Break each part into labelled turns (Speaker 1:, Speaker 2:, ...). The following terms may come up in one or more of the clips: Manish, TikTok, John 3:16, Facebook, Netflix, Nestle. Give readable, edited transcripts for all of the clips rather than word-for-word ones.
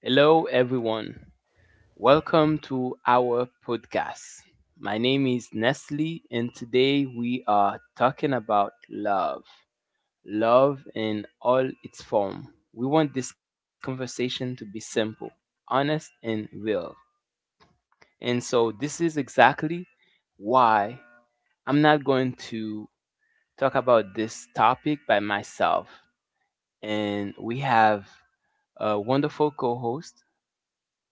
Speaker 1: Hello, everyone. Welcome to our podcast. My name is Nestle, and today we are talking about love, love in all its form. We want this conversation to be simple, honest, and real. And so, this is exactly why I'm not going to talk about this topic by myself. And we have a wonderful co host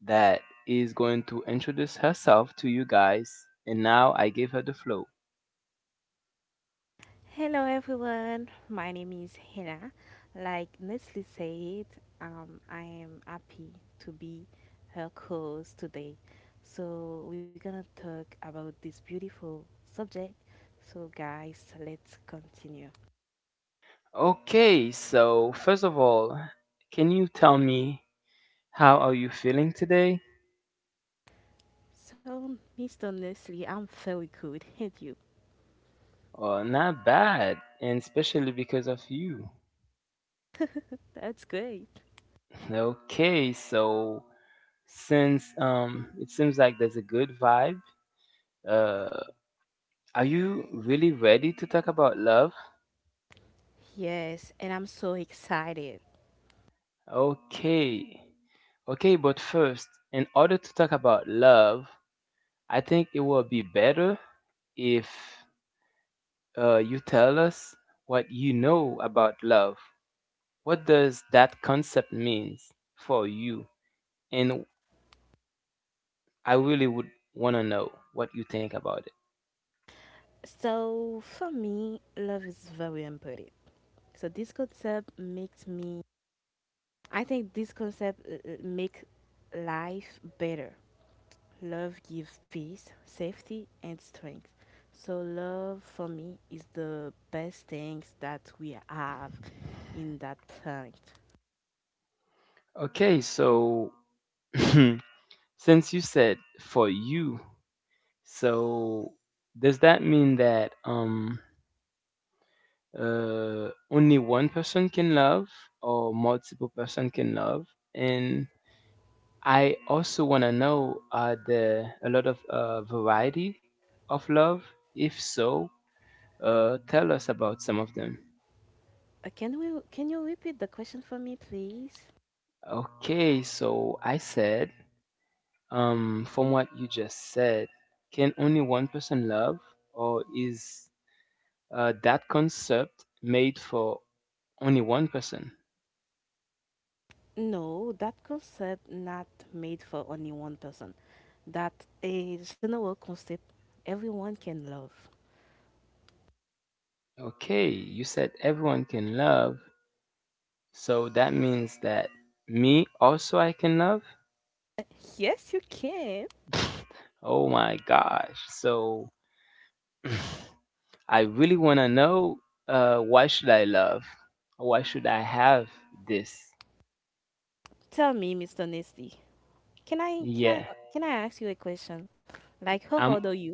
Speaker 1: that is going to introduce herself to you guys. And now I give her the flow.
Speaker 2: Hello everyone, my name is Hina. Like Nestle said, I am happy to be her co-host today. So we're gonna talk about this beautiful subject. So guys, let's continue.
Speaker 1: Okay, so first of all, can you tell me how are you feeling today?
Speaker 2: So Mr. Nestle, I'm very good, and you?
Speaker 1: Oh, not bad, and especially because of you.
Speaker 2: That's great.
Speaker 1: Okay, so since it seems like there's a good vibe, uh are you really ready to talk about love?
Speaker 2: Yes, and I'm so excited.
Speaker 1: Okay. Okay, but first, in order to talk about love, I think it will be better if you tell us what you know about love, what does that concept means for you? And I really would want to know what you think about it.
Speaker 2: So for me, love is very important. So this concept makes me, I think this concept make life better. Love gives peace, safety, and strength. So love for me is the best things that we have in that planet.
Speaker 1: Okay, so since you said for you, so does that mean that only one person can love or multiple person can love? And I also want to know are there a lot of variety of love? If so, tell us about some of them.
Speaker 2: Can we? Can you repeat the question for me, please?
Speaker 1: Okay, so I said, from what you just said, can only one person love, or is that concept made for only one person?
Speaker 2: No, that concept not made for only one person. That a general concept everyone can love.
Speaker 1: Okay, you said everyone can love, so that means that me also I can love?
Speaker 2: Uh, Yes, you can.
Speaker 1: Oh my gosh, so I really want to know, why should I love? Why should I have this?
Speaker 2: Tell me, Mr. Nasty, Can I can I
Speaker 1: Yeah,
Speaker 2: uh, can I ask you a question? Like, how old
Speaker 1: I'm
Speaker 2: are you?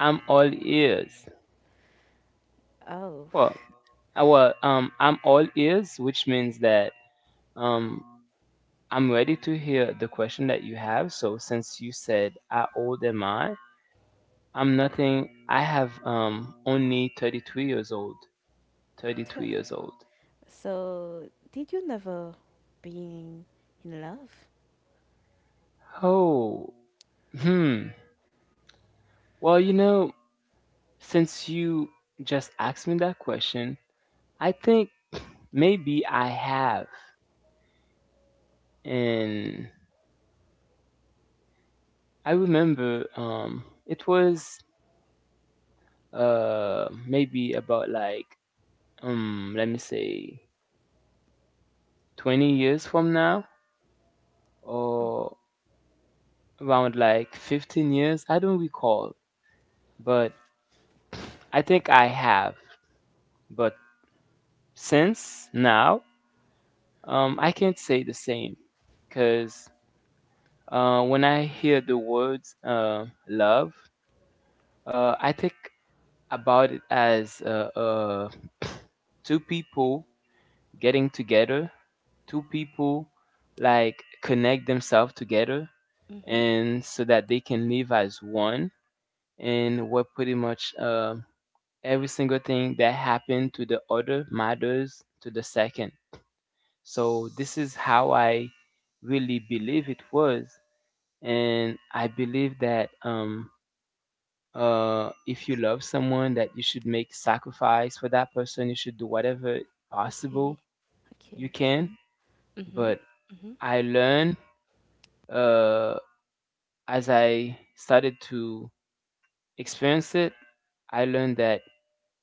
Speaker 1: I'm all ears.
Speaker 2: Oh,
Speaker 1: Well, I'm all ears, which means that um, I'm ready to hear the question that you have. So since you said, "How old am I?" I'm nothing. I have only 32 years old.
Speaker 2: t-
Speaker 1: 32 years old.
Speaker 2: so did you never been in love?
Speaker 1: Oh, hmm. Well, you know, since you just asked me that question, I think maybe I have, and I remember it was maybe about like let me say 20 years from now or around like 15 years, I don't recall, but I think I have. But since now, I can't say the same because when I hear the words love, I think about it as two people getting together, two people like connect themselves together,
Speaker 2: Mm-hmm.
Speaker 1: and so that they can live as one. And what pretty much every single thing that happened to the other matters to the second. So this is how I really believe it was, and I believe that if you love someone that you should make sacrifice for that person, you should do whatever
Speaker 2: Okay,
Speaker 1: possible you
Speaker 2: okay,
Speaker 1: can.
Speaker 2: okay. Mm-hmm.
Speaker 1: But
Speaker 2: Mm-hmm.
Speaker 1: I learned, uh, as I started to experience it, I learned that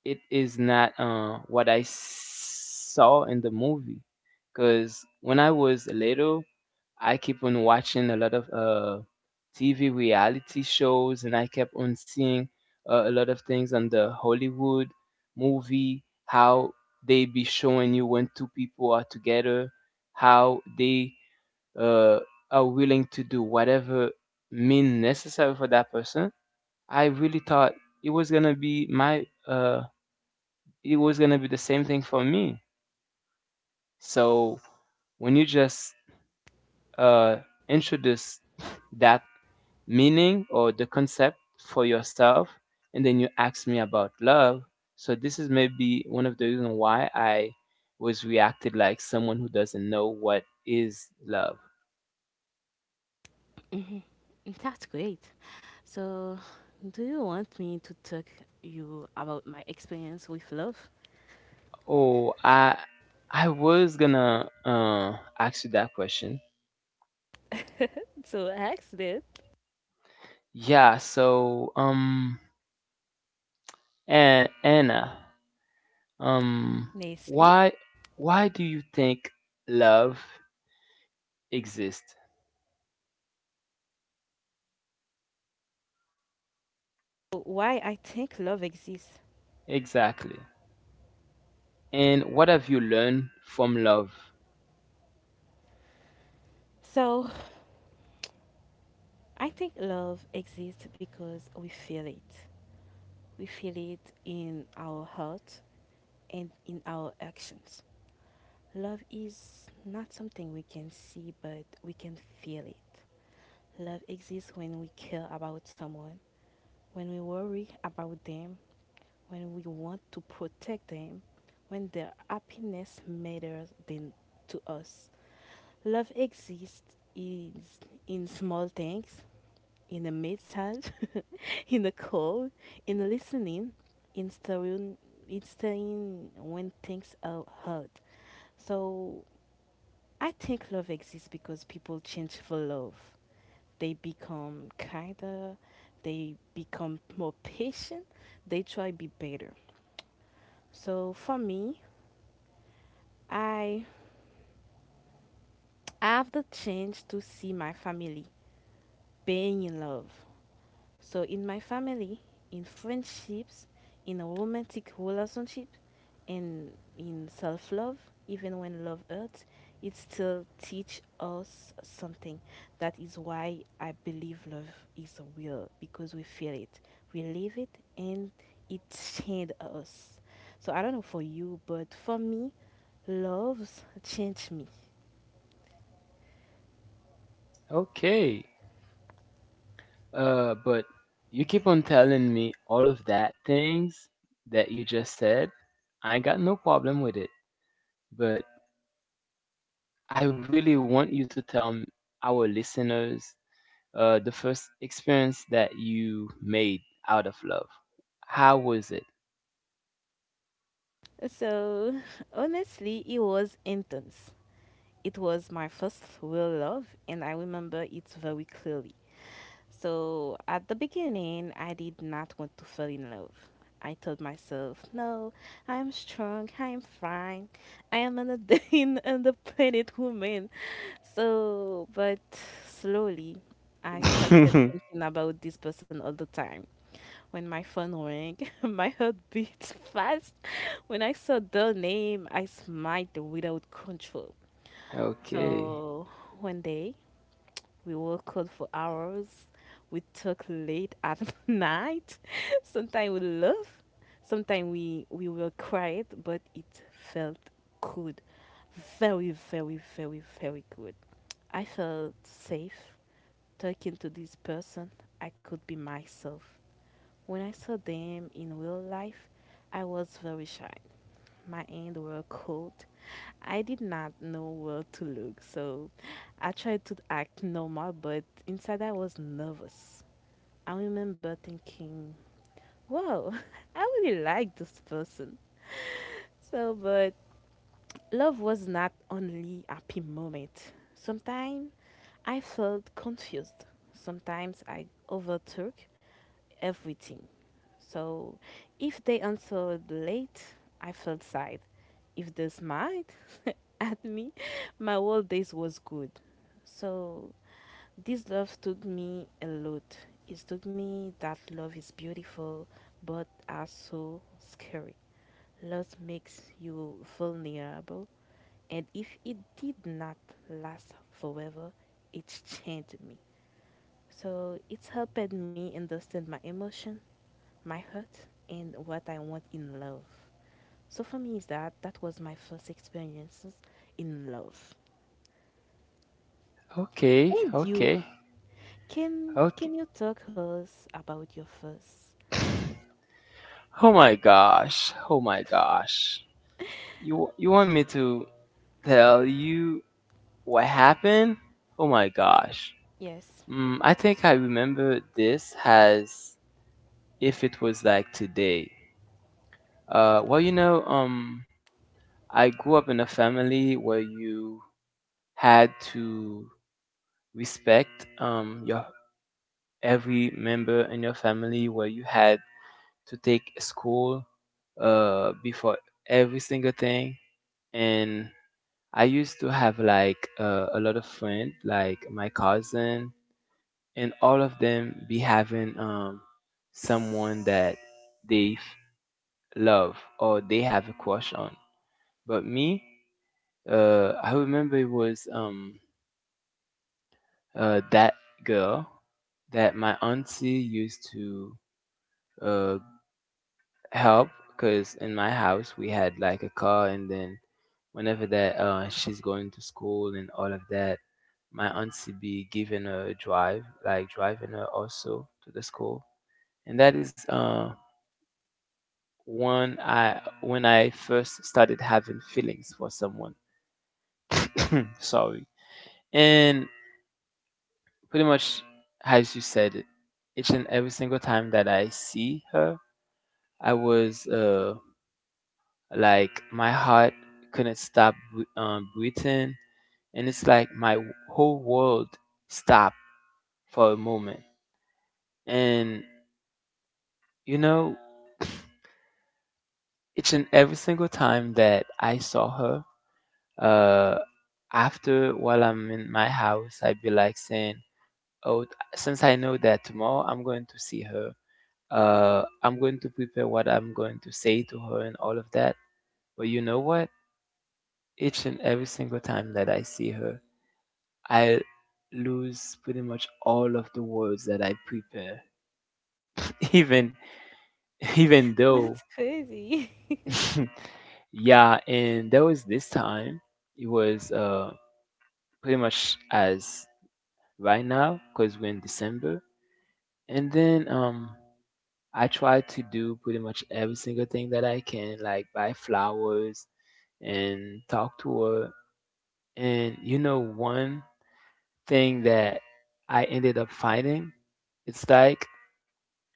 Speaker 1: it is not what I saw in the movie. Because when I was little, I keep on watching a lot of TV reality shows, and I kept on seeing a lot of things on the Hollywood movie, how they be showing you when two people are together, how they uh, are willing to do whatever mean necessary for that person. I really thought it was gonna be my it was gonna be the same thing for me. So when you just uh, introduce that meaning or the concept for yourself, and then you ask me about love, so this is maybe one of the reasons why I was reacted like someone who doesn't know what is love.
Speaker 2: Mm-hmm. That's great. So, do you want me to talk you about my experience with love?
Speaker 1: Oh, I was gonna ask you that question.
Speaker 2: So, I asked it
Speaker 1: Yeah. So and Anna, Um,
Speaker 2: nicely.
Speaker 1: why why do you think love exists?
Speaker 2: Why I think love exists.
Speaker 1: Exactly. And what have you learned from love?
Speaker 2: So, I think love exists because we feel it. We feel it in our heart and in our actions. Love is not something we can see, but we can feel it. Love exists when we care about someone, when we worry about them, when we want to protect them, when their happiness matters than to us. Love exists is in small things, in the massage, in the call, in the listening, in stirring, in stirring when things are hard. So I think love exists because people change for love. They become kinder, they become more patient, they try to be better. So for me, I I have the chance to see my family being in love. So in my family, in friendships, in a romantic relationship, and in self-love, even when love hurts, it still teach us something. That is why I believe love is real because we feel it, we live it, and it changed us. So I don't know for you, but for me, loves changed me.
Speaker 1: Okay. But you keep on telling me all of that things that you just said. I ain't got no problem with it. But I really want you to tell our listeners the first experience that you made out of love. How was
Speaker 2: So honestly, it was intense. It was my first real love, and I remember it very clearly. So, at the beginning, I did not want to fall in love. I told myself, no, I am strong, I am fine, I am an and independent woman. So, but slowly, I started
Speaker 1: it?
Speaker 2: thinking about this person all the time. When my phone rang, my heart beat fast. When I saw their name, I smiled without control.
Speaker 1: Okay.
Speaker 2: So one day we worked cold for hours. We talk late at night. Sometimes we laugh. Sometimes we were quiet, but it felt good. Very, very, very, very good. I felt safe talking to this person. I could be myself. When I saw them in real life, I was very shy. My hands were cold. I did not know where to look, so I tried to act normal, but inside I was nervous. I remember thinking, wow, I really like this person. So, but love was not only happy moment. Sometimes I felt confused. Sometimes I overthink everything. So if they answered late, I felt sad. If they smiled at me, my whole day was good. So this love taught me a lot. It taught me that love is beautiful, but also scary. Love makes you vulnerable, and if it did not last forever, it changed me. So it helped me understand my emotions, my hurt, and what I want in love. So for me, is that that was my first experiences in love.
Speaker 1: Okay,
Speaker 2: And you,
Speaker 1: okay,
Speaker 2: can
Speaker 1: okay.
Speaker 2: can you talk us about your first love?
Speaker 1: Oh my gosh, oh my gosh. You want me to tell you what happened? Oh my gosh.
Speaker 2: Yes,
Speaker 1: Mm, I think I remember this as if it was like today. Well, you know, I grew up in a family where you had to respect your every member in your family, where you had to take school before every single thing. And I used to have like a lot of friends, like my cousin, and all of them be having someone that they love or they have a crush on. But me, I remember it was that girl that my auntie used to uh, help because in my house we had like a car, and then whenever that she's going to school and all of that, my auntie be giving her a drive, like driving her also to the school. And that is one I when I first started having feelings for someone. Sorry. And pretty much as you said it, each and every single time that I see her, I was like my heart couldn't stop breathing, and it's like my whole world stopped for a moment. And you know, each and every single time that I saw her, uh, after while I'm in my house, I'd be like saying, "Oh, since I know that tomorrow I'm going to see her, I'm going to prepare what I'm going to say to her and all of that." But you know what? Each and every single time that I see her, I lose pretty much all of the words that I prepare. Even even
Speaker 2: that's
Speaker 1: though
Speaker 2: crazy.
Speaker 1: yeah, and there was this time it was pretty much as right now because we're in December. And then I try to do pretty much every single thing that I can, like buy flowers and talk to her. And you know one thing that I ended up finding, it's like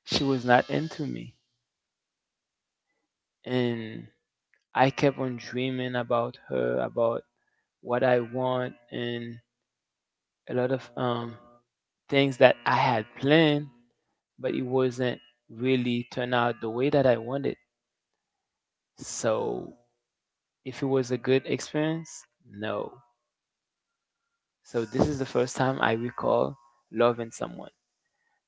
Speaker 1: she was not into me. And I kept on dreaming about her, about what I want, and a lot of things that I had planned, but it wasn't really turn out the way that I wanted. So, if it was a good experience, no. So, this is the first time I recall loving someone.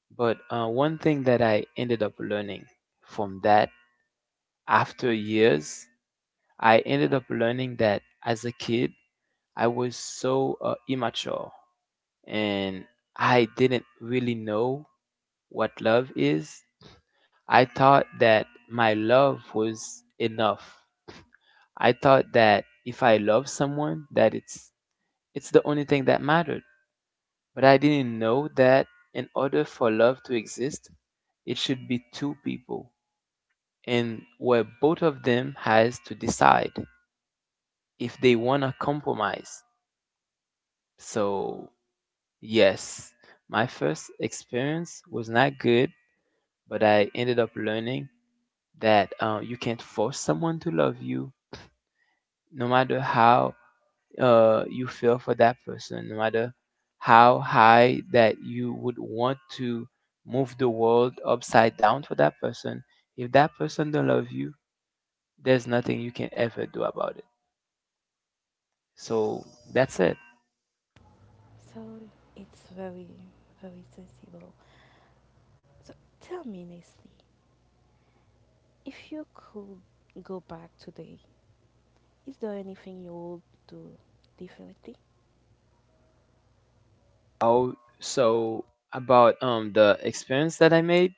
Speaker 1: But one thing that I ended up learning from that after years, I ended up learning that as a kid, I was so immature, and I didn't really know what love is. I thought that my love was enough. I thought that if I love someone that it's the only thing that mattered. But I didn't know that in order for love to exist, it should be two people and where both of them has to decide if they want to compromise. So, yes, my first experience was not good, but I ended up learning that, you can't force someone to love you, no matter how you feel for that person, no matter how high that you would want to move the world upside down for that person. If that person don't love you, there's nothing you can ever do about it. So that's it.
Speaker 2: So it's very very sensible. So tell me nicely, if you could go back today, is there anything you would do differently?
Speaker 1: Oh, so about the experience that I made.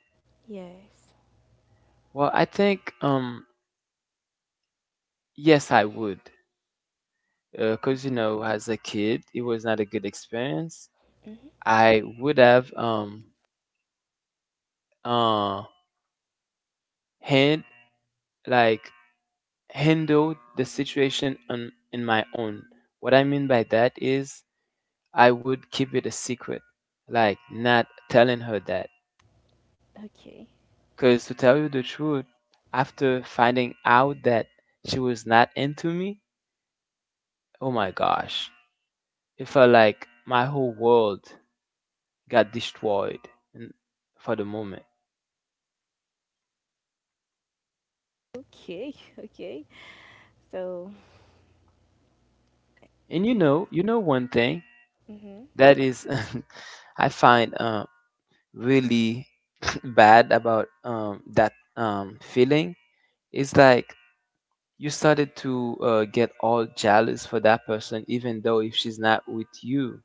Speaker 2: Yes.
Speaker 1: Well, I think yes, I would. Because, you
Speaker 2: Hmm.
Speaker 1: know, as a kid, it was not a good experience.
Speaker 2: Hmm.
Speaker 1: I would have uh hand like handled the situation on in my own. What I mean by that is I would keep it a secret, like not telling her that.
Speaker 2: Okay.
Speaker 1: Because to tell you the truth, after finding out that she was not into me, oh my gosh, it felt like my whole world got destroyed in- for the moment.
Speaker 2: Okay. Okay. So,
Speaker 1: And you know one thing
Speaker 2: mm-hmm.
Speaker 1: that is I find really bad about that feeling is like you started to get all jealous for that person, even though if she's not with you,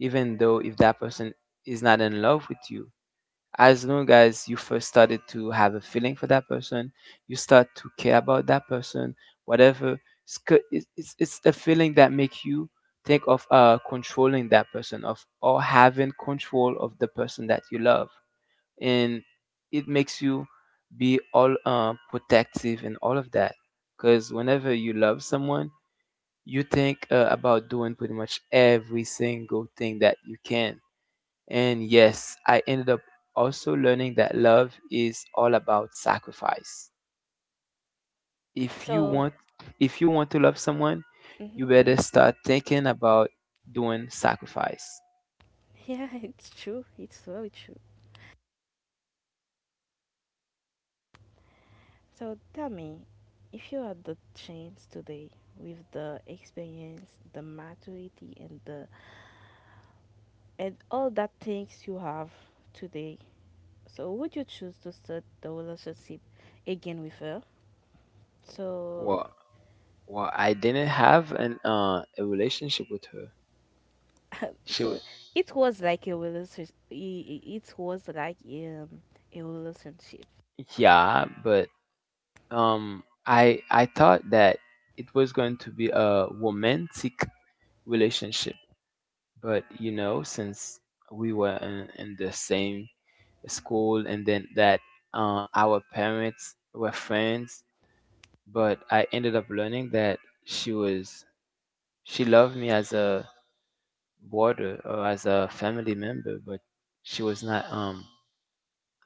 Speaker 1: even though if that person is not in love with you, as long as you first started to have a feeling for that person, you start to care about that person, whatever. It's it's a feeling that make you think of controlling that person, of or having control of the person that you love, and it makes you be all protective and all of that. Because whenever you love someone, you think about doing pretty much every single thing that you can. And yes, I ended up also learning that love is all about sacrifice. If you
Speaker 2: So,
Speaker 1: want if you want to love someone,
Speaker 2: mm-hmm,
Speaker 1: you better
Speaker 2: mm-hmm.
Speaker 1: start thinking about doing sacrifice.
Speaker 2: Yeah, it's true. It's very true. So tell me, if you had the chance today with the experience, the maturity, and all that things you have today, so would you choose to start the relationship again with her? So,
Speaker 1: Well, well, I didn't have an a relationship with her. She, wa-
Speaker 2: so it was like a relationship. It was like a relationship.
Speaker 1: yeah, but I thought that it was going to be a romantic relationship, but you know, since we were in the same school, and then that our parents were friends, but I ended up learning that she was she loved me as a boarder or as a family member, but she was not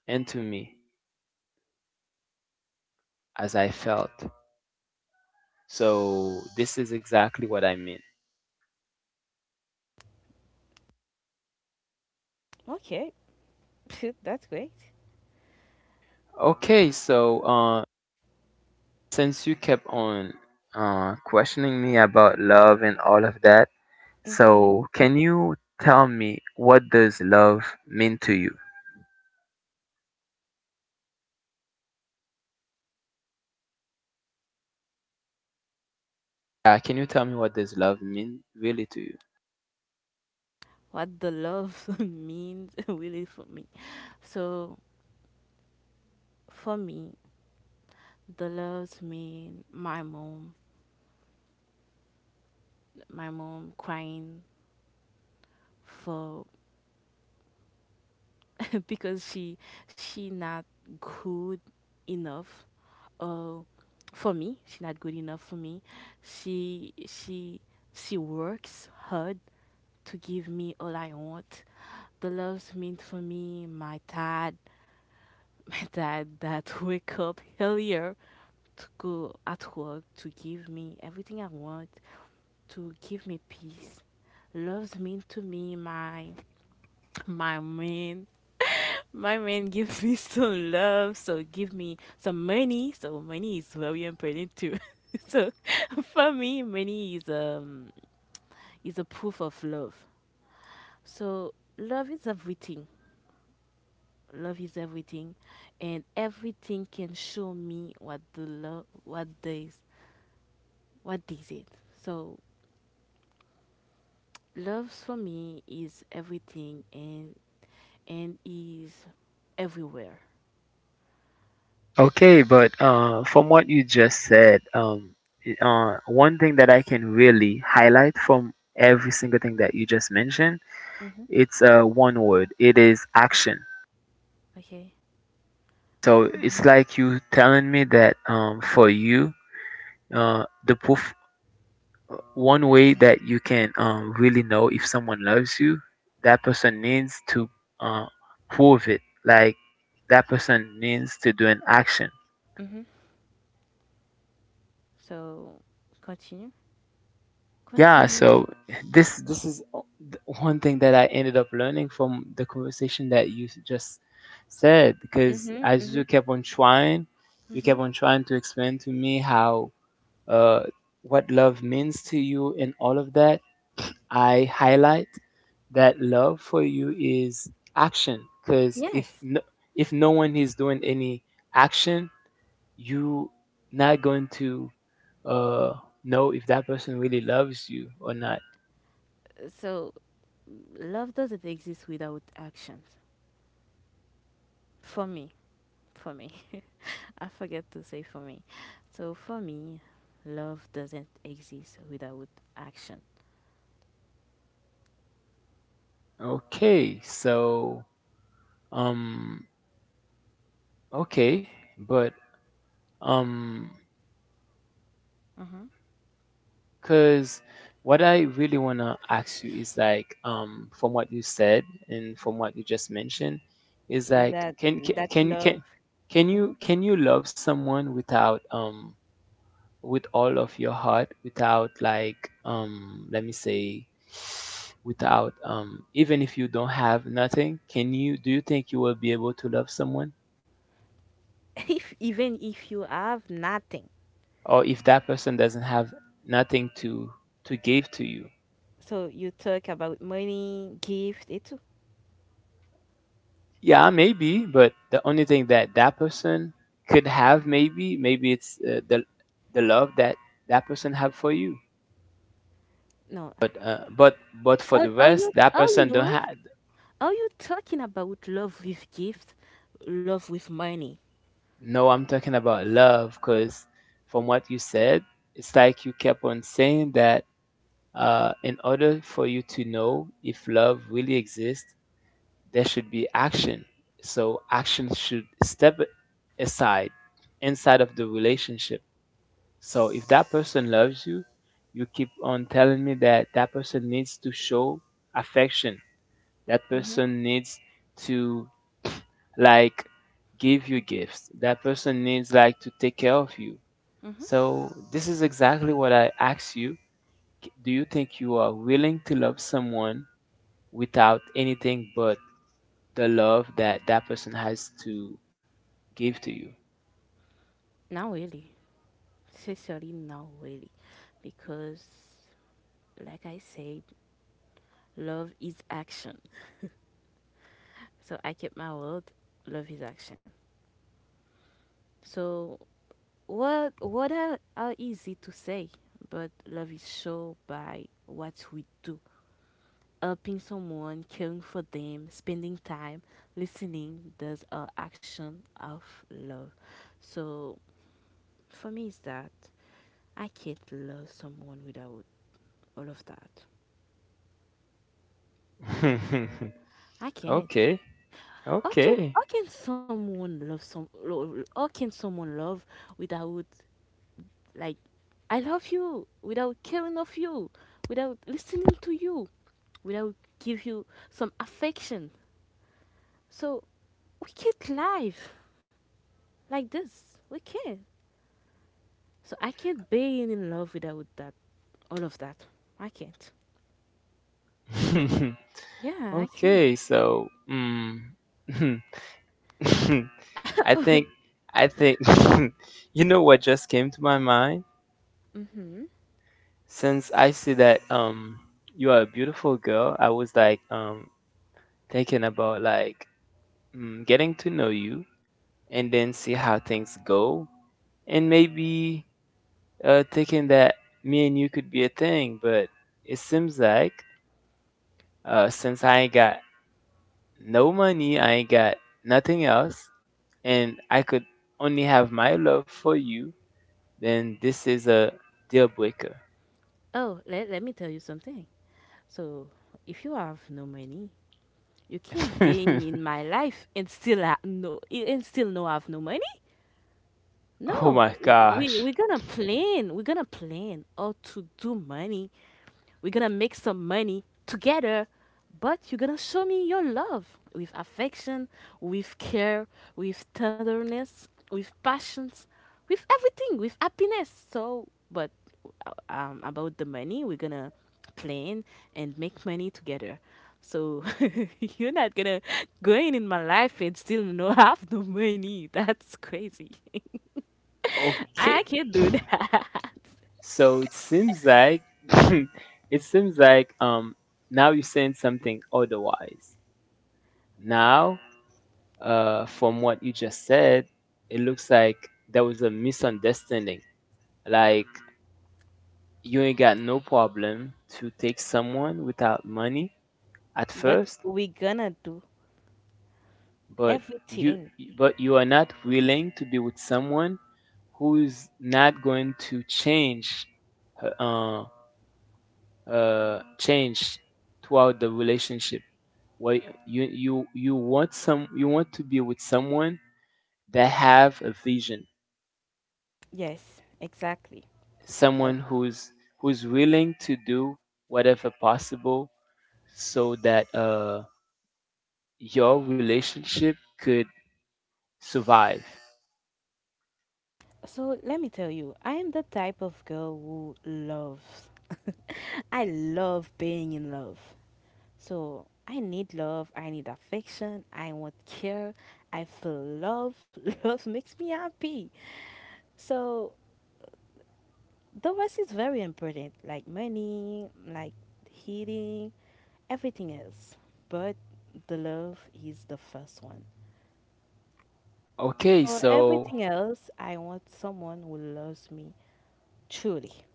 Speaker 1: into me as I felt. So this is exactly what I mean.
Speaker 2: Okay, that's great.
Speaker 1: Okay, so since you kept on questioning me about love and all of that, so can you tell me what does love mean to you? Yeah, can you tell me what does love mean really to you?
Speaker 2: What the love means really for me. So for me, the loves mean my mom crying for because she not good enough uh, for me. She not good enough for me. She she she works hard to give me all I want. The loves mean for me my dad, my dad that wake up earlier to go at work to give me everything I want, to give me peace. Loves mean to me my man. My man gives me some love, so give me some money. So money is very important too. So for me, money is a proof of love. So love is everything. Love is everything, and everything can show me what the love, what this, what is it. So love for me is everything, and is everywhere.
Speaker 1: Okay, but from what you just said, one thing that I can really highlight from every single thing that you just mentioned, it's one word. It is action.
Speaker 2: Okay.
Speaker 1: So
Speaker 2: Mhm.
Speaker 1: it's like you telling me that for you, the proof, one way that you can really know if someone loves you, that person needs to uh, prove it. Like, that person needs to do an action.
Speaker 2: Mm-hmm. So continue.
Speaker 1: Yeah,
Speaker 2: Continue.
Speaker 1: so this is one thing that I ended up learning from the conversation that you just said,
Speaker 2: Mm-hmm.
Speaker 1: because as
Speaker 2: Mm-hmm.
Speaker 1: you kept on trying, you
Speaker 2: Mm-hmm.
Speaker 1: kept on trying to explain to me how uh what love means to you and all of that. I highlight that love for you is action, because
Speaker 2: Yes.
Speaker 1: if no one is doing any action, you not going to uh know if that person really loves you or not.
Speaker 2: So love doesn't exist without actions. For me. For me. I forget to say for me. So for me, love doesn't exist without action.
Speaker 1: Okay, so um okay, but um
Speaker 2: Mm-hmm.
Speaker 1: cuz what I really want to ask you is like, from what you said and from what you just mentioned, is like,
Speaker 2: That that love.
Speaker 1: can you,
Speaker 2: Mm-hmm.
Speaker 1: can you love someone without with all of your heart, without like, let me say, without even if you don't have nothing, can you, do you think you will be able to love someone,
Speaker 2: If even if you have nothing,
Speaker 1: or if that person doesn't have nothing to to give to you?
Speaker 2: so you talk about money, gift, it's
Speaker 1: Yeah, maybe, but the only thing that that person could have, maybe it's the love that that person have for you.
Speaker 2: no.
Speaker 1: But but for the
Speaker 2: Are, are
Speaker 1: rest
Speaker 2: you
Speaker 1: that
Speaker 2: are
Speaker 1: person don't
Speaker 2: you
Speaker 1: have.
Speaker 2: are you talking about love with gift, love with money?
Speaker 1: No, I'm talking about love, because from what you said, it's like you kept on saying that in order for you to know if love really exists, there should be action. So action should step aside inside of the relationship. So if that person loves you, you keep on telling me that that person needs to show affection. That
Speaker 2: Mhm.
Speaker 1: person needs to like give you gifts. That person needs like to take care of you.
Speaker 2: Mhm.
Speaker 1: So this is exactly what I asked you. Do you think you are willing to love someone without anything but the love that that person has to give to you?
Speaker 2: Not really. Sincerely, not really, because like I said, love is action. So I keep my word. Love is action. So what are easy to say, but love is shown by what we do: helping someone, caring for them, spending time, listening, there's an action of love. So for me, it's that I can't love someone without all of that. I can't.
Speaker 1: okay, okay,
Speaker 2: How can someone love without, like, I love you without caring of you, without listening to you, without give you some affection. So we can't live like this. We can't. So I can't be in love without that, all of that. I can't. Yeah, I can't.
Speaker 1: okay. So, I think, I think, you know what just came to my mind?
Speaker 2: Mm-hmm.
Speaker 1: Since I see that you are a beautiful girl, I was like, thinking about like, getting to know you and then see how things go, and maybe thinking that me and you could be a thing. But it seems like, since I ain't got no money, I ain't got nothing else, and I could only have my love for you, then this is a deal breaker.
Speaker 2: Oh, let me tell you something. So if you have no money, you can't be in my life and still ha- no and still no have no money.
Speaker 1: oh
Speaker 2: No,
Speaker 1: my gosh.
Speaker 2: we're gonna plan. We're gonna plan how to do money. We're gonna make some money together, but you're gonna show me your love with affection, with care, with tenderness, with passions, with everything, with happiness. So, but about the money, we're gonna plan and make money together. So you're not gonna go in my life and still not have the money. That's crazy. I
Speaker 1: Okay.
Speaker 2: can't do that.
Speaker 1: So it seems like, it seems like, now you're saying something otherwise. Now from what you just said, it looks like there was a misunderstanding. Like, you ain't got no problem to take someone without money at
Speaker 2: But
Speaker 1: first,
Speaker 2: we're gonna do
Speaker 1: but you,
Speaker 2: everything.
Speaker 1: but you are not willing to be with someone who's not going to change her- uh, change throughout the relationship. Where you you want some, you want to be with someone that have a vision,
Speaker 2: Yes, exactly. But
Speaker 1: someone who's, who's willing to do whatever possible so that your relationship could survive.
Speaker 2: so let me tell you, I am the type of girl who loves. I love being in love. So I need love. I need affection. I want care. I feel love. Love makes me happy. So the rest is very important, like money, like heating, everything else. But the love is the first one.
Speaker 1: Okay,
Speaker 2: Before
Speaker 1: so
Speaker 2: everything else, I want someone who loves me truly.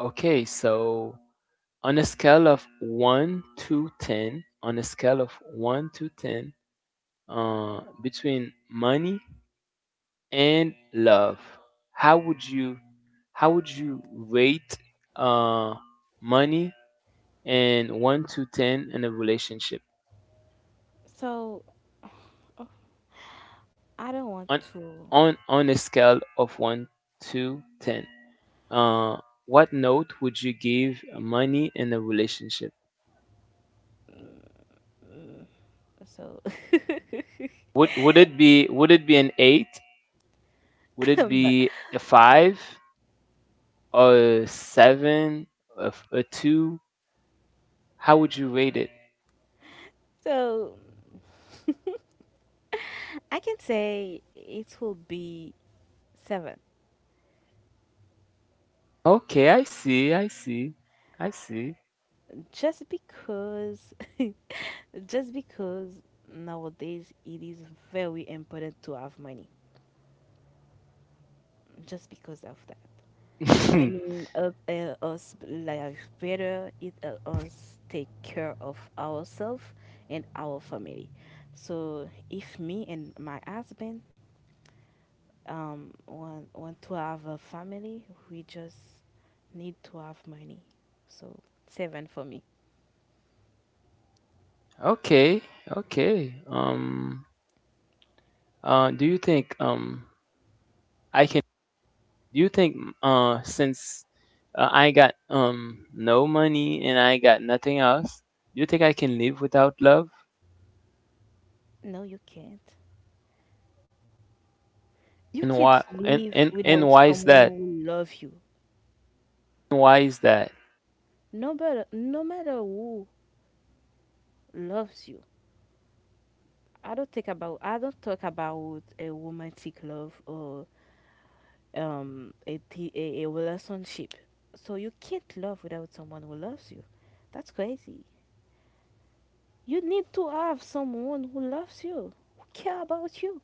Speaker 1: okay, so on a scale of 1 to 10, on a scale of 1 to 10, between money and love, how would you, how would you rate uh money and 1 to 10 in a relationship?
Speaker 2: So I don't want
Speaker 1: on
Speaker 2: to.
Speaker 1: on on a scale of 1 to 10, uh what note would you give money in a relationship?
Speaker 2: So,
Speaker 1: Would it be, would it be an 8? Would it
Speaker 2: but
Speaker 1: be a 5 or a 7, a 2? How would you rate it?
Speaker 2: so I can say it will be seven,
Speaker 1: Okay, I see, I see, I see.
Speaker 2: just because, just because nowadays it is very important to have money. Just because of that, money help us live better. It help us take care of ourselves and our family. So, if me and my husband want to have a family, we just need to have money, so seven for me.
Speaker 1: okay, okay, do you think, i can do you think since I got no money, and I got nothing else, do you think I can live without love?
Speaker 2: No, you can't you
Speaker 1: And
Speaker 2: can't
Speaker 1: why,
Speaker 2: live
Speaker 1: and
Speaker 2: without
Speaker 1: why is
Speaker 2: someone
Speaker 1: that?
Speaker 2: who loves you.
Speaker 1: Why is that?
Speaker 2: No matter who loves you, I don't talk about a romantic love or a relationship. So you can't love without someone who loves you. That's crazy. You need to have someone who loves you, who care about you.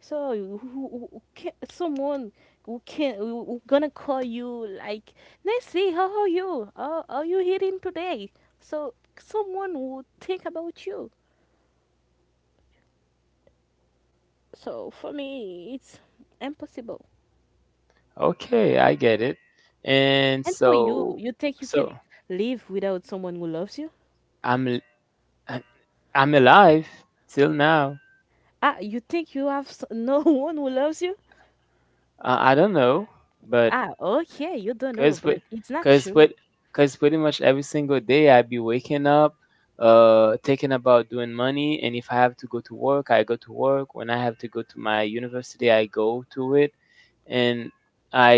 Speaker 2: So someone who can who gonna call you like, Nancy, how are you? How are you hearing today? So someone would think about you. So for me, it's impossible.
Speaker 1: Okay, I get it. And
Speaker 2: And for you,
Speaker 1: so,
Speaker 2: you think you can
Speaker 1: so
Speaker 2: live without someone who loves you?
Speaker 1: I'm I'm alive till now.
Speaker 2: Ah, you think you have no one who loves you?
Speaker 1: I don't know, but
Speaker 2: Ah, okay, you don't know,
Speaker 1: 'Cause cause,
Speaker 2: but
Speaker 1: with
Speaker 2: it's not
Speaker 1: 'cause
Speaker 2: true.
Speaker 1: pre- cause, pretty much every single day I be waking up, thinking about doing money, and if I have to go to work, I go to work. When I have to go to my university, I go to it. And I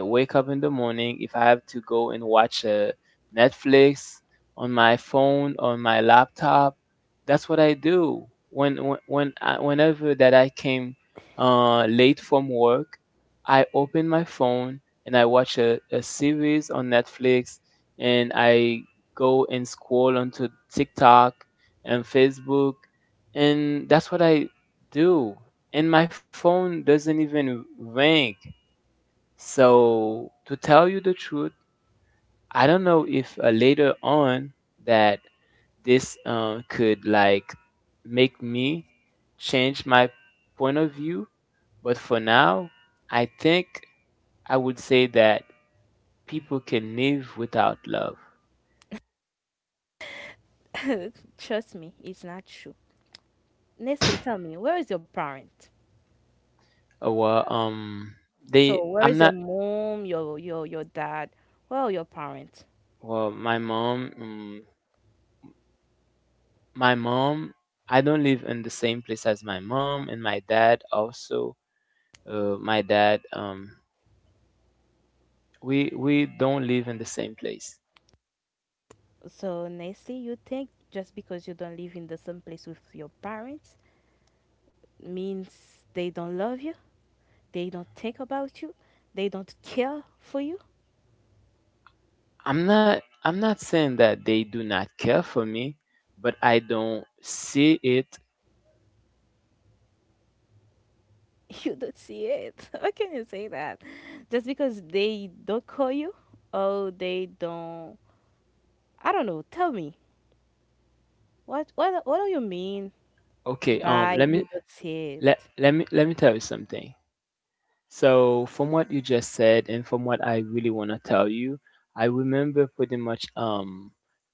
Speaker 1: wake up in the morning. If I have to go and watch Netflix on my phone, on my laptop, that's what I do. Whenever that I came late from work, I open my phone and I watch a series on Netflix, and I go and scroll onto TikTok and Facebook, and that's what I do. And my phone doesn't even ring. So, to tell you the truth, I don't know if later on that this could like make me change my point of view, but for now, I think I would say that people can live without love.
Speaker 2: Trust me, it's not true. Nestle, tell me, where is your parent?
Speaker 1: Well,
Speaker 2: So
Speaker 1: they,
Speaker 2: where
Speaker 1: I'm
Speaker 2: is your
Speaker 1: not.
Speaker 2: mom, your dad? Where are your parents?
Speaker 1: Well, my mom, I don't live in the same place as my mom and my dad also. My dad, we don't live in the same place.
Speaker 2: So honestly, you think just because you don't live in the same place with your parents means they don't love you, they don't think about you, they don't care for you.
Speaker 1: I'm not saying that they do not care for me, but I don't see it.
Speaker 2: You don't see it. How can you say that? Just because they don't call you, or they don't, I don't know, tell me. What do you mean
Speaker 1: Okay,
Speaker 2: by
Speaker 1: let me,
Speaker 2: "you don't see
Speaker 1: let,
Speaker 2: it"?
Speaker 1: let me let me tell you something. So, from what you just said, and from what I really want to tell you, I remember pretty much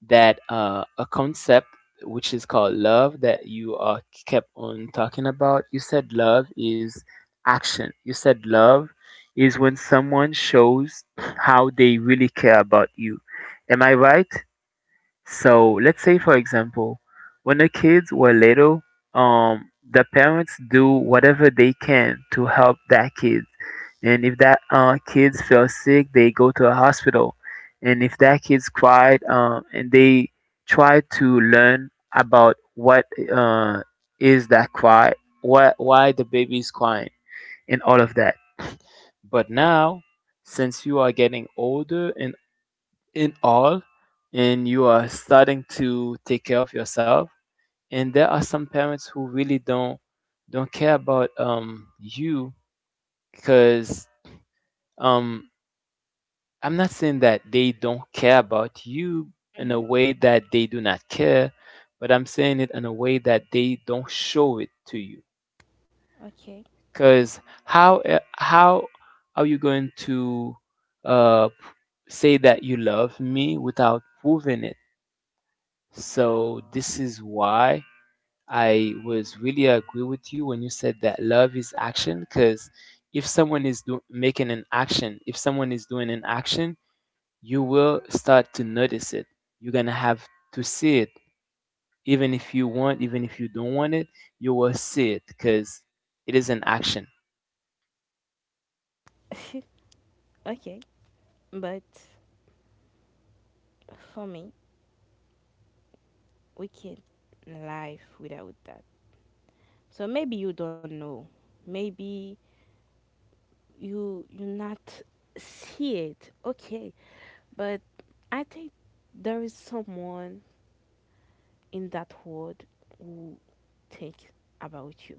Speaker 1: that a concept which is called love that you kept on talking about. You said love is action. You said love is when someone shows how they really care about you. Am I right? So let's say, for example, when the kids were little, the parents do whatever they can to help that kid. And if that kids feel sick, they go to a hospital. And if that kids cried, and they try to learn about what uh, is that cry, what, why the baby is crying, and all of that. But now, since you are getting older in all, and you are starting to take care of yourself, and there are some parents who really don't care about you, because um I'm not saying that they don't care about you in
Speaker 2: Mm-hmm.
Speaker 1: a way that they do not care, but I'm saying it in a way that they don't show it to you.
Speaker 2: Okay.
Speaker 1: Because how how are you going to uh p- say that you love me without proving it? So this is why I was really agree with you when you said that love is action, because if making an action, if someone is doing an action, you will start to notice it. You're going to have to see it. Even if you want, even if you don't want it, you will see it, because it is an action.
Speaker 2: Okay. Okay. But for me, we can not live without that. So maybe you don't know. Maybe you, you not see it. Okay, but I think there is someone in that world who think about you,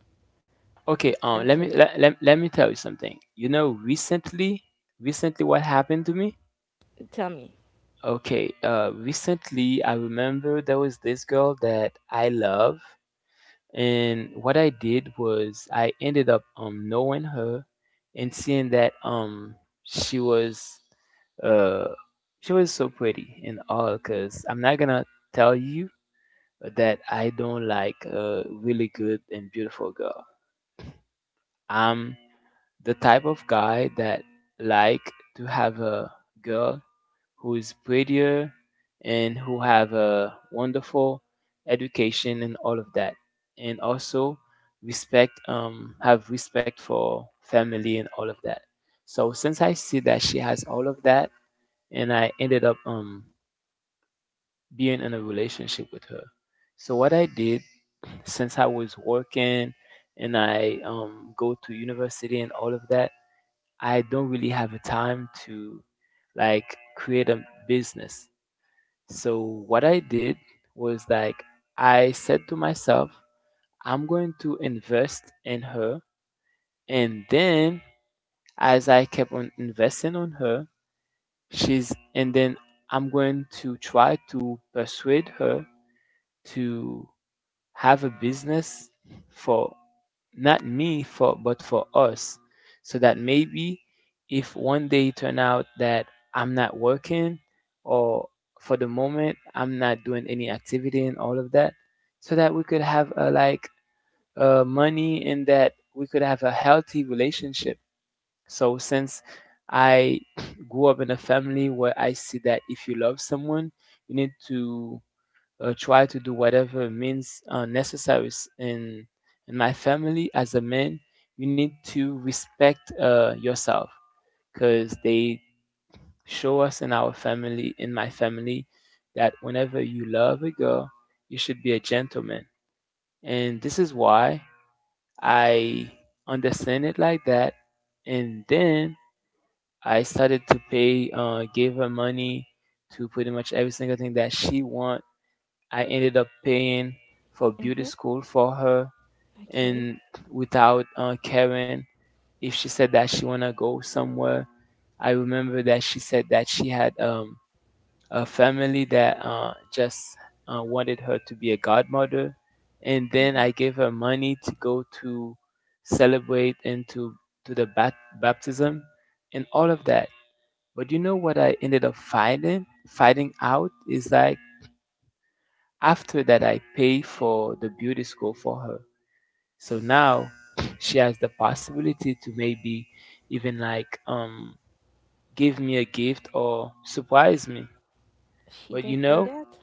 Speaker 2: who
Speaker 1: Okay,
Speaker 2: care for
Speaker 1: let me,
Speaker 2: you.
Speaker 1: let me tell you something. You know, recently, recently what happened to me?
Speaker 2: Tell me.
Speaker 1: Okay, recently I remember there was this girl that I love, and what I did was I ended up knowing her and seeing that she was uh she was so pretty and all, because I'm not gonna tell you that I don't like a really good and beautiful girl. I'm the type of guy that like to have a girl who is prettier and who have a wonderful education and all of that. And also respect, have respect for family and all of that. So since I see that she has all of that, and I ended up being in a relationship with her. So what I did, since I was working and I go to university and all of that, I don't really have a time to like create a business. So what I did was like, I said to myself, I'm going to invest in her. And then as I kept on investing on her, she's and then I'm going to try to persuade her to have a business, for not me for but for us, so that maybe if one day it turn out that I'm not working, or for the moment I'm not doing any activity and all of that, so that we could have a like money, and that we could have a healthy relationship. So since I grew up in a family where I see that if you love someone, you need to try to do whatever means necessary. In in my family, as a man, you need to respect yourself, because they show us in our family, in my family, that whenever you love a girl, you should be a gentleman. And this is why I understand it like that. And then I started to gave her money to pretty much every single thing that she wants. I ended up paying for beauty
Speaker 2: Mhm.
Speaker 1: school for her,
Speaker 2: Okay.
Speaker 1: and without caring if she said that she want to go somewhere. I remember that she said that she had a family that just wanted her to be a godmother. And then I
Speaker 2: Mhm.
Speaker 1: gave her money to go to celebrate and to the baptism and all of that. But you know what I ended up fighting? Fighting out is like, after that, I pay for the beauty school for her. So now she has the possibility to maybe even like give me a gift or surprise me.
Speaker 2: She
Speaker 1: But
Speaker 2: don't do that.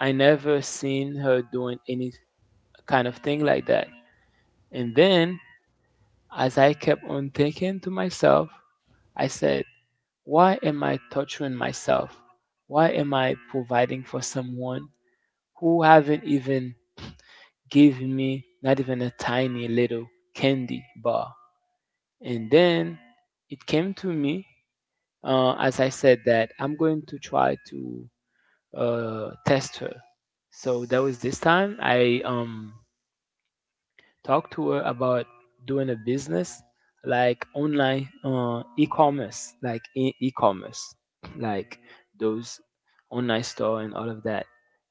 Speaker 1: I never seen her doing any kind of thing like that. And then as I kept on thinking to myself, I said, why am I torturing myself? Why am I providing for someone who haven't even give me not even a tiny little candy bar. And then it came to me, as I said, that I'm going to try to test her. So that was this time. I talk to her about doing a business, like online e-commerce, like e-commerce, like those online store and all of that.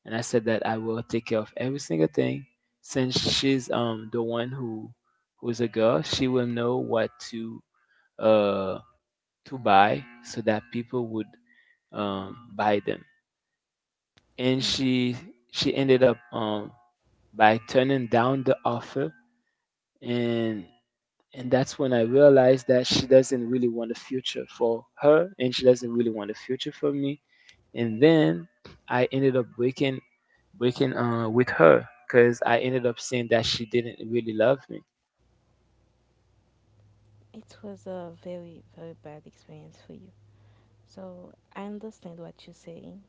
Speaker 1: And I said that I will take care of every single thing, since she's the one who's a girl, she will know what uh to buy so that people would buy them. And
Speaker 2: Yeah.
Speaker 1: she ended up by turning down the offer, and And that's when I realized that she doesn't really want a future for her, and she doesn't really want a future for me. And then I ended up breaking with her, because I ended up saying that she didn't really love me.
Speaker 2: It was a very very bad experience for you. So I understand what you're saying.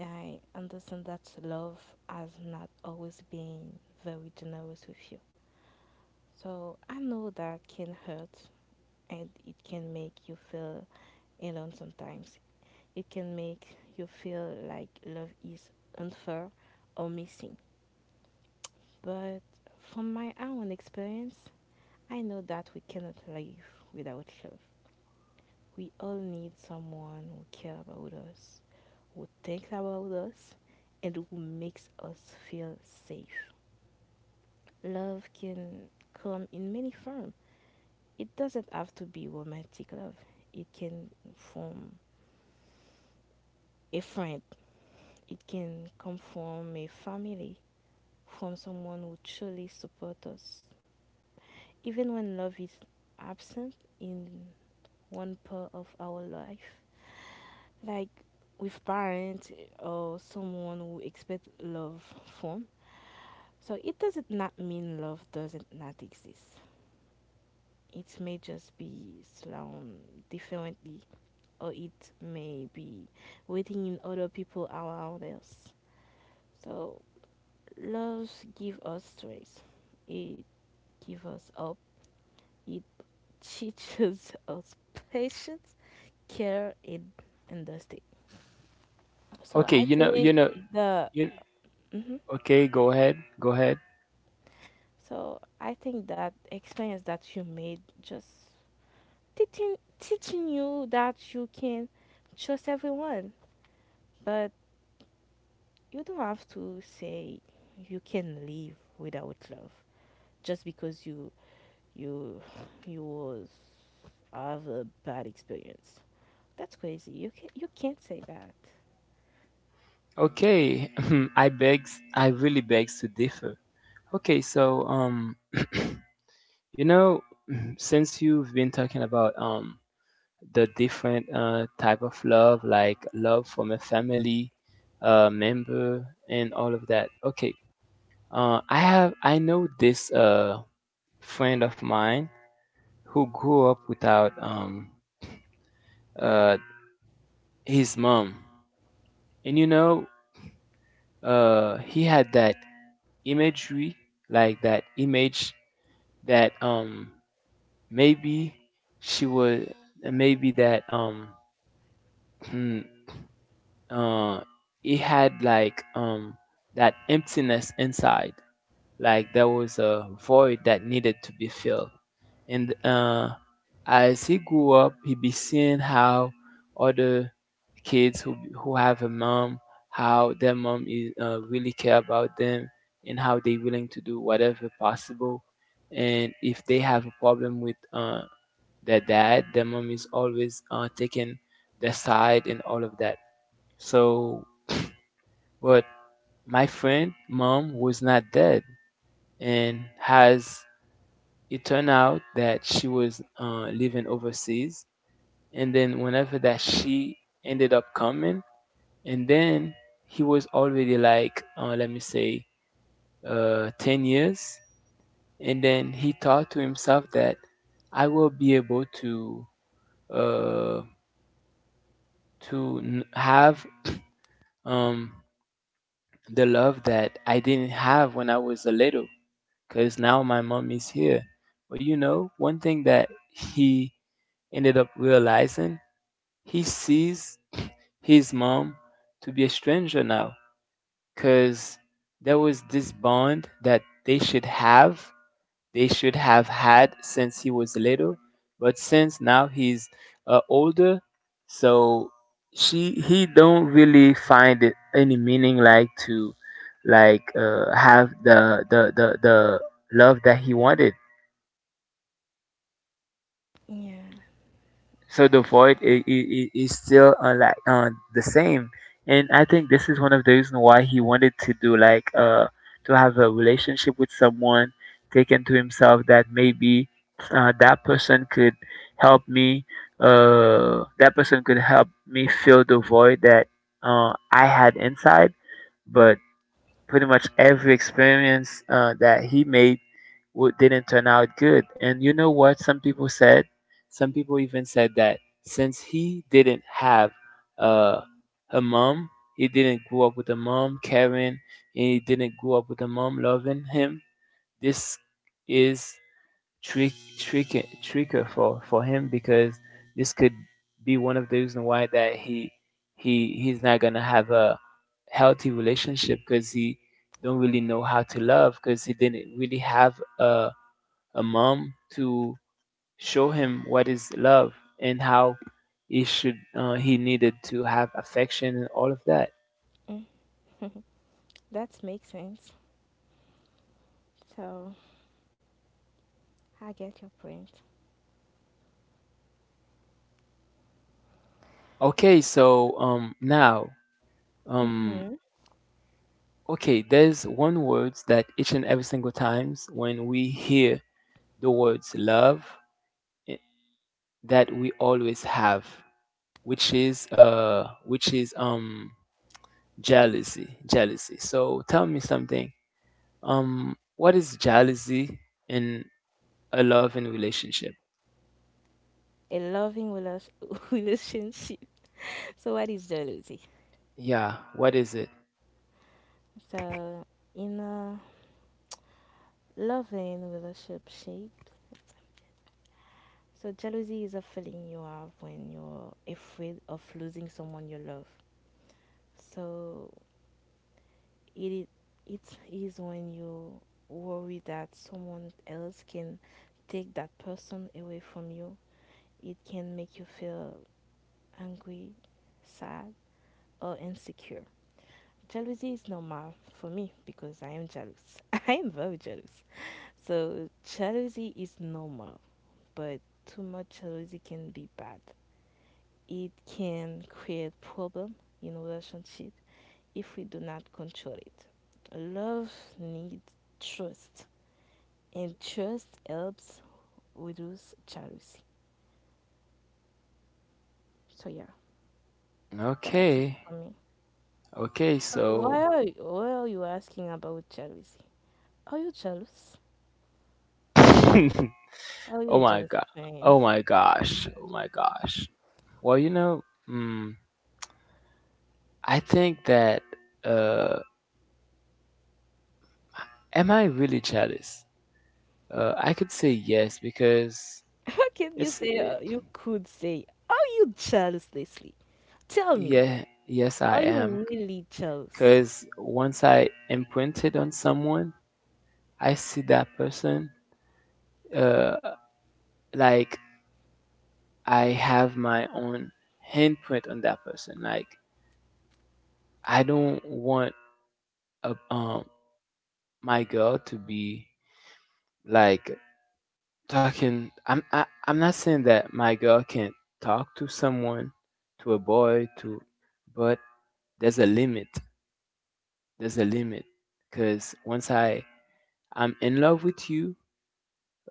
Speaker 2: I understand that love has not always been very generous with you. So I know that can hurt, and it can make you feel alone sometimes. It can make you feel like love is unfair or missing. But from my own experience, I know that we cannot live without love. We all need someone who cares about us, who thinks about us, and who makes us feel safe. Love can come in many forms. It doesn't have to be romantic love. It can from a friend. It can come from a family, from someone who truly supports us. Even when love is absent in one part of our life, like with parents or someone who expect love from. So it doesn't not mean love doesn't not exist. It may just be slown differently, or it may be waiting in other people around us. So love give us strength. It give us hope. It teaches us patience, care, and understanding. So
Speaker 1: Okay,
Speaker 2: I
Speaker 1: you know,
Speaker 2: think
Speaker 1: you know,
Speaker 2: the
Speaker 1: you okay, go ahead, go ahead.
Speaker 2: So I think that experience that you made just teaching you that you can trust everyone, but you don't have to say you can live without love just because you, you you was have a bad experience. That's crazy. You can't say that.
Speaker 1: Okay, I really begs to differ. Okay, so you know, since you've been talking about the different type of love, like love from a family member and all of that. Okay, I know this friend of mine who grew up without uh, his mom, and he had that imagery, like that image that maybe she was, maybe that uh it had like that emptiness inside. Like there was a void that needed to be filled. And as he grew up, he be seeing how other kids who have a mom, how their mom is really care about them, and how they willing to do whatever possible, and if they have a problem with their dad, their mom is always taking their side and all of that. So but my friend mom was not dead, and has it turned out that she was living overseas, and then whenever that she ended up coming, and then he was already like let me say 10 years, and then he thought to himself that I will be able to uh, have um, the love that I didn't have when I was a little, because now my mom is here. But one thing that he ended up realizing, he sees his mom to be a stranger now, because there was this bond that they should have had since he was little. But since now he's older, so she he don't really find it any meaning like to like have the love that he wanted.
Speaker 2: Yeah,
Speaker 1: So the void is still like the same, and I think this is one of the reasons why he wanted to do like to have a relationship with someone, taken to himself that maybe uh, that person could help me that person could help me fill the void that I had inside. But pretty much every experience that he made didn't turn out good. And you know what some people said? Some people even said that since he didn't have uh, a mom, he didn't grow up with a mom caring, and he didn't grow up with a mom loving him. This is trick, trick, tricker for him, because this could be one of the reasons why that he's not gonna have a healthy relationship, because he don't really know how to love, because he didn't really have a mom to show him what is love and how he needed to have affection and all of that.
Speaker 2: mm, that makes sense. So I get your point.
Speaker 1: Okay, so now um
Speaker 2: Mm-hmm.
Speaker 1: okay, there's one word that each and every single times when we hear the words love, i- that we always have, which is jealousy, jealousy. So tell me something. What is jealousy in a loving relationship?
Speaker 2: A loving relas- relationship. So what is jealousy?
Speaker 1: Yeah, what is it?
Speaker 2: So, in a loving relationship, shape, so jealousy is a feeling you have when you're afraid of losing someone you love. So, it it is when you worry that someone else can take that person away from you. It can make you feel angry, sad, or insecure. Jealousy is normal for me because I am jealous. I am very jealous. So, jealousy is normal. But too much jealousy can be bad. It can create problem in relationship if we do not control it. Love needs trust, and trust helps reduce jealousy. So yeah, that's it
Speaker 1: Okay.
Speaker 2: for me.
Speaker 1: Okay,
Speaker 2: So
Speaker 1: so
Speaker 2: why are you asking about jealousy? Are you jealous? Are you a
Speaker 1: Oh my
Speaker 2: jealous
Speaker 1: god.
Speaker 2: fan?
Speaker 1: Oh my gosh. Oh my gosh. Well, I think that uh am I really jealous? I could say yes because
Speaker 2: How can you
Speaker 1: it's
Speaker 2: say
Speaker 1: it,
Speaker 2: you could say? Are you jealous, Leslie? Tell me,
Speaker 1: yeah, yes I
Speaker 2: are
Speaker 1: am,
Speaker 2: you really jealous?
Speaker 1: cuz once I imprinted on someone, I see that person uh like I have my own handprint on that person, like I don't want a, um my girl to be like talking. I'm not saying that my girl can't talk to someone, to a boy, to, but there's a limit. There's a limit, because once I'm in love with you,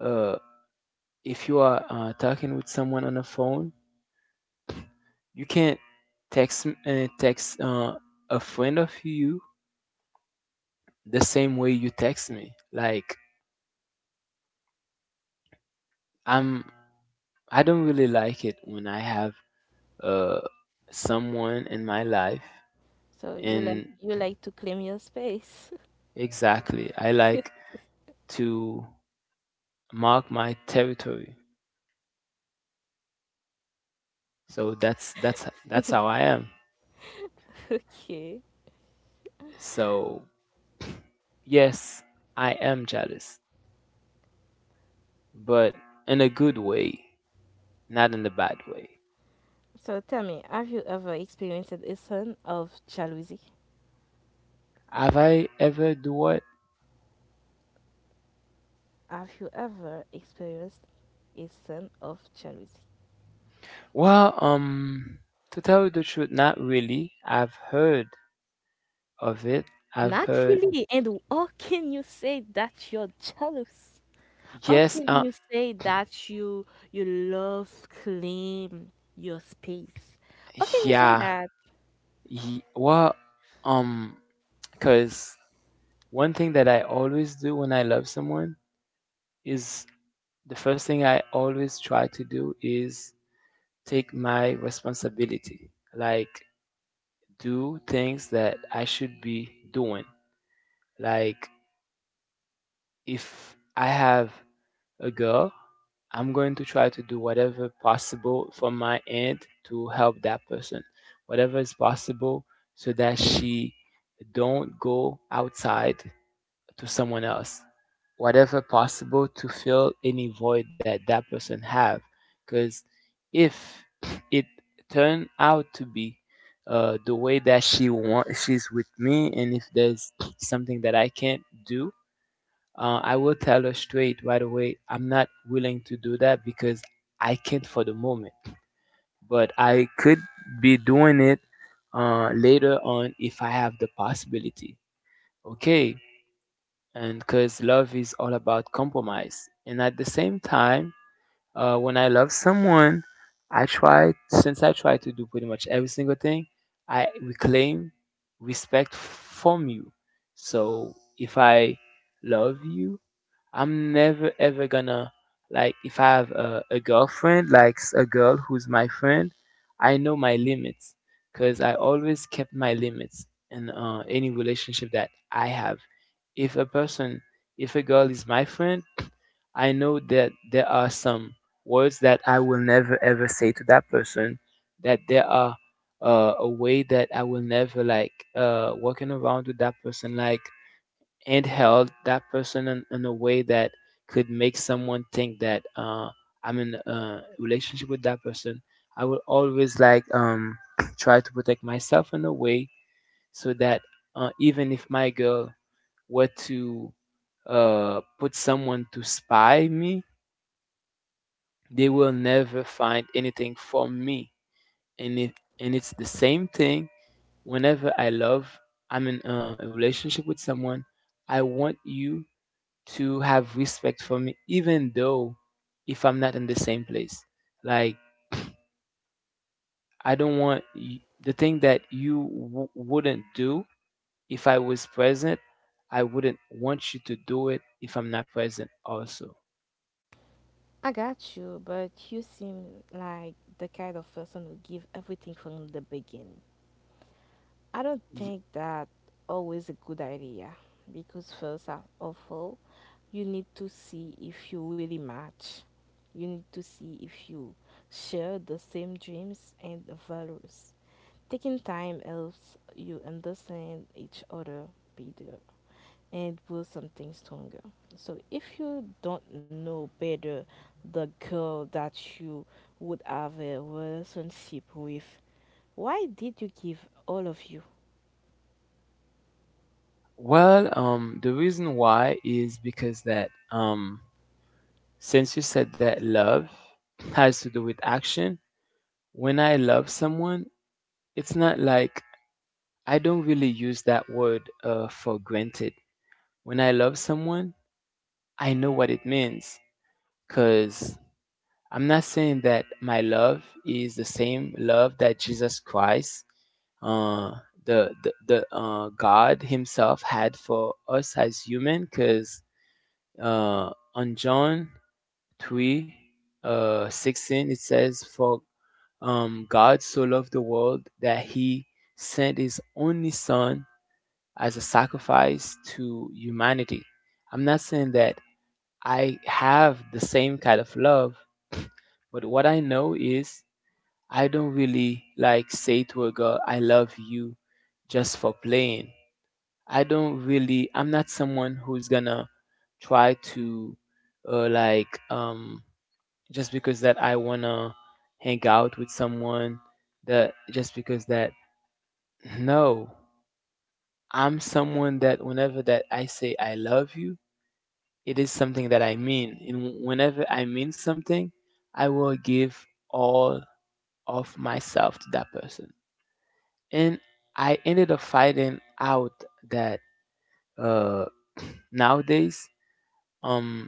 Speaker 1: uh, if you are talking with someone on the phone, you can't text a friend of you the same way you text me. Like I'm I don't really like it when I have uh, someone in my life.
Speaker 2: So you like,
Speaker 1: And
Speaker 2: you like to claim your space.
Speaker 1: exactly, I like to mark my territory. So that's how I am.
Speaker 2: Okay.
Speaker 1: So yes, I am jealous, but in a good way, not in a bad way.
Speaker 2: So tell me, have you ever experienced a sense of jealousy?
Speaker 1: Have I ever do what?
Speaker 2: Have you ever experienced a sense of jealousy?
Speaker 1: Well, to tell you the truth, not really. I've heard of it. I've
Speaker 2: Not
Speaker 1: heard
Speaker 2: really. And how can you say that you're jealous? How
Speaker 1: Yes,
Speaker 2: can you say that you love claim your space? How can you say
Speaker 1: yeah,
Speaker 2: that?
Speaker 1: y- well, um, because one thing that I always do when I love someone is, the first thing I always try to do is take my responsibility. Like, do things that I should be doing. Like, if I have a girl, I'm going to try to do whatever possible from my end to help that person, whatever is possible, so that she don't go outside to someone else, whatever possible, to fill any void that that person have. Because if it turn out to be the way that she want, she's with me, and if there's something that I can't do, I will tell her straight right away I'm not willing to do that, because I can't for the moment, but I could be doing it later on if I have the possibility. Okay. And because love is all about compromise. And at the same time, when I love someone, I try since I try to do pretty much every single thing, I reclaim respect from you. So if I love you, I'm never ever gonna, like, if I have a girlfriend, like, a girl who's my friend, I know my limits, because I always kept my limits in any relationship that I have. If a person, if a girl is my friend, I know that there are some words that I will never ever say to that person, that there are a way that I will never, like, walking around with that person, like, and held that person in a way that could make someone think that I'm in a relationship with that person. I will always, like, try to protect myself in a way, so that even if my girl were to put someone to spy me, they will never find anything from me. And if, and it's the same thing whenever I love, I'm in a relationship with someone. I want you to have respect for me, even though if I'm not in the same place. Like, I don't want the thing that you wouldn't do if I was present, I wouldn't want you to do it if I'm not present, also.
Speaker 2: I got you, but you seem like the kind of person who give everything from the beginning. I don't
Speaker 1: Y-
Speaker 2: think that always a good idea because first of all, you need to see if you really match. You need to see if you share the same dreams and values. Taking time helps you understand each other better and build something stronger. So if you don't know better the girl that you would have a relationship with, why did you give all of you?
Speaker 1: Well, the reason why is because that, since you said that love has to do with action, when I love someone, it's not like I don't really use that word for granted. When I love someone, I know what it means, because I'm not saying that my love is the same love that Jesus Christ, uh, the God Himself had for us as human, because on John 3 16 it says, for God so loved the world that He sent His only Son as a sacrifice to humanity. I'm not saying that I have the same kind of love, but what I know is I don't really like say to a girl, I love you, just for playing. I don't really, I'm not someone who's gonna try to, like, just because that I wanna hang out with someone, that just because that, no, I'm someone that whenever that I say I love you, it is something that I mean. And whenever I mean something, I will give all of myself to that person. And I ended up finding out that uh, nowadays, um,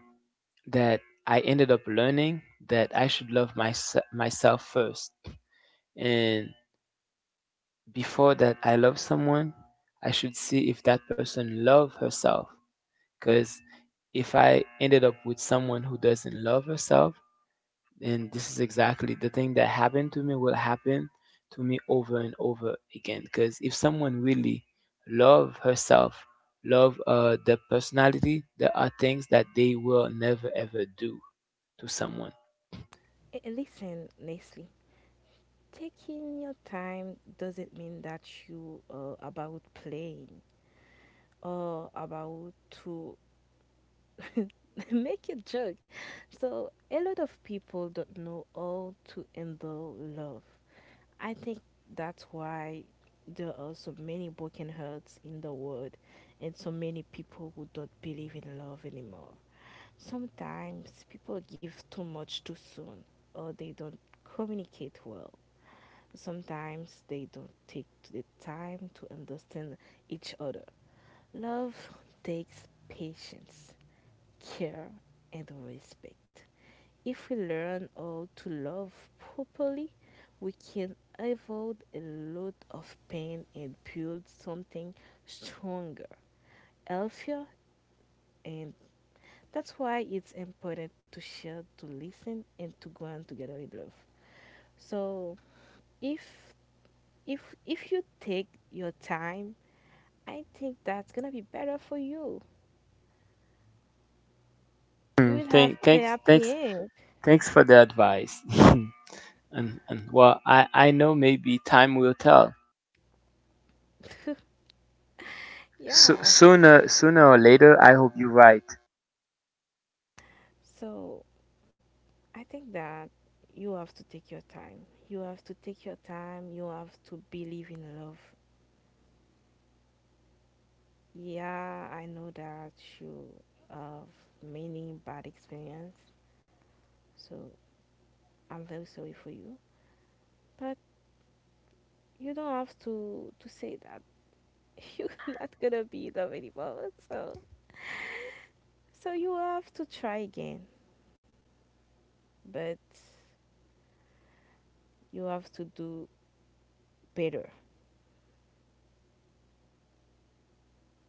Speaker 1: that I ended up learning that I should love myself first. And before that, I love someone, I should see if that person love herself. Because if I ended up with someone who doesn't love herself, and this is exactly the thing that happened to me will happen to me over and over again, because if someone really love herself, love their personality, there are things that they will never ever do to someone.
Speaker 2: Eh, eh, listen, Leslie, taking your time doesn't mean that you are about playing or about to make a joke. So, a lot of people don't know how to handle love. I think that's why there are so many broken hearts in the world, and so many people who don't believe in love anymore. Sometimes people give too much too soon, or they don't communicate well. Sometimes they don't take the time to understand each other. Love takes patience, care, and respect. If we learn how to love properly, we can avoid a lot of pain and build something stronger, healthier, and that's why it's important to share, to listen, and to go on together in love. So if if you take your time, I think that's gonna be better for you. You
Speaker 1: Mm,
Speaker 2: will have a happy end.
Speaker 1: thanks for the advice. And well, I know maybe time will tell. So,
Speaker 2: Yeah.
Speaker 1: sooner or later, I hope you're right.
Speaker 2: So I think that you have to take your time. You have to take your time. You have to believe in love. Yeah, I know that you have many bad experience. So I'm very sorry for you. But you don't have to say that you're not gonna be in love anymore. So, so you have to try again. But you have to do better.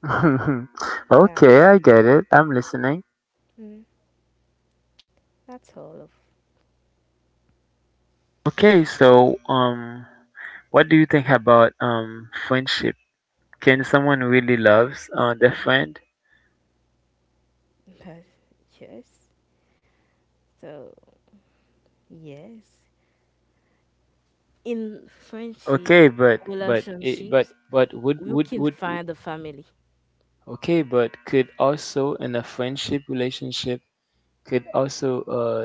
Speaker 2: Yeah.
Speaker 1: Okay, I get it. I'm listening.
Speaker 2: Mm, that's all of
Speaker 1: Okay, so what do you think about friendship? Can someone really loves their friend?
Speaker 2: that. Yes. So, yes. In friendship,
Speaker 1: Okay, but it,
Speaker 2: relationships,
Speaker 1: but
Speaker 2: you can
Speaker 1: would
Speaker 2: find the family.
Speaker 1: okay, but could also in a friendship relationship, could also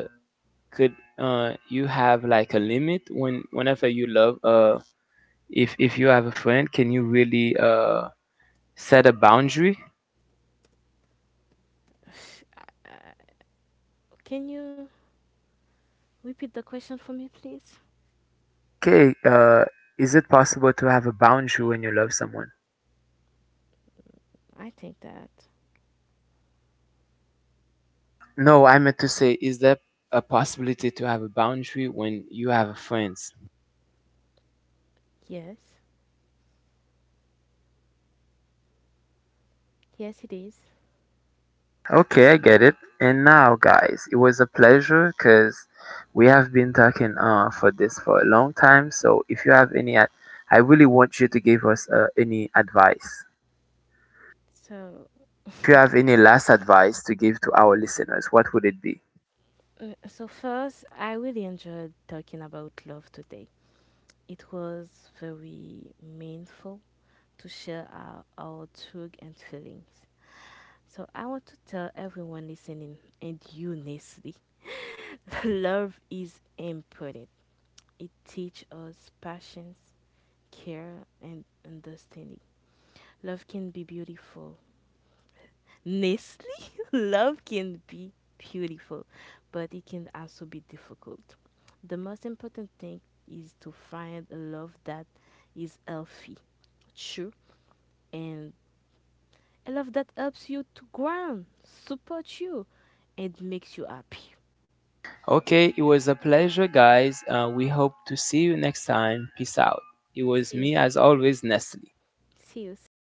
Speaker 1: could you have like a limit when whenever you love if you have a friend, can you really set a boundary?
Speaker 2: Uh, uh, Can you repeat the question for me, please?
Speaker 1: Okay, is it possible to have a boundary when you love someone?
Speaker 2: I think that
Speaker 1: No, I meant to say, is there a possibility to have a boundary when you have friends?
Speaker 2: yes. Yes, it is.
Speaker 1: Okay, I get it. And now, guys, it was a pleasure, because we have been talking for this for a long time. So, if you have any, I really want you to give us any advice.
Speaker 2: So,
Speaker 1: If you have any last advice to give to our listeners, what would it be?
Speaker 2: so first, I really enjoyed talking about love today. It was very meaningful to share our truth and feelings. So I want to tell everyone listening and you, Nestle, love is important. It teaches us patience, care, and understanding. Love can be beautiful. Nestle, love can be beautiful, but it can also be difficult. The most important thing is to find a love that is healthy, true, and a love that helps you to grow, support you, and makes you happy.
Speaker 1: Okay, it was a pleasure, guys. We hope to see you next time. Peace out. It was
Speaker 2: See you.
Speaker 1: me, as always, Nestle.
Speaker 2: See you soon.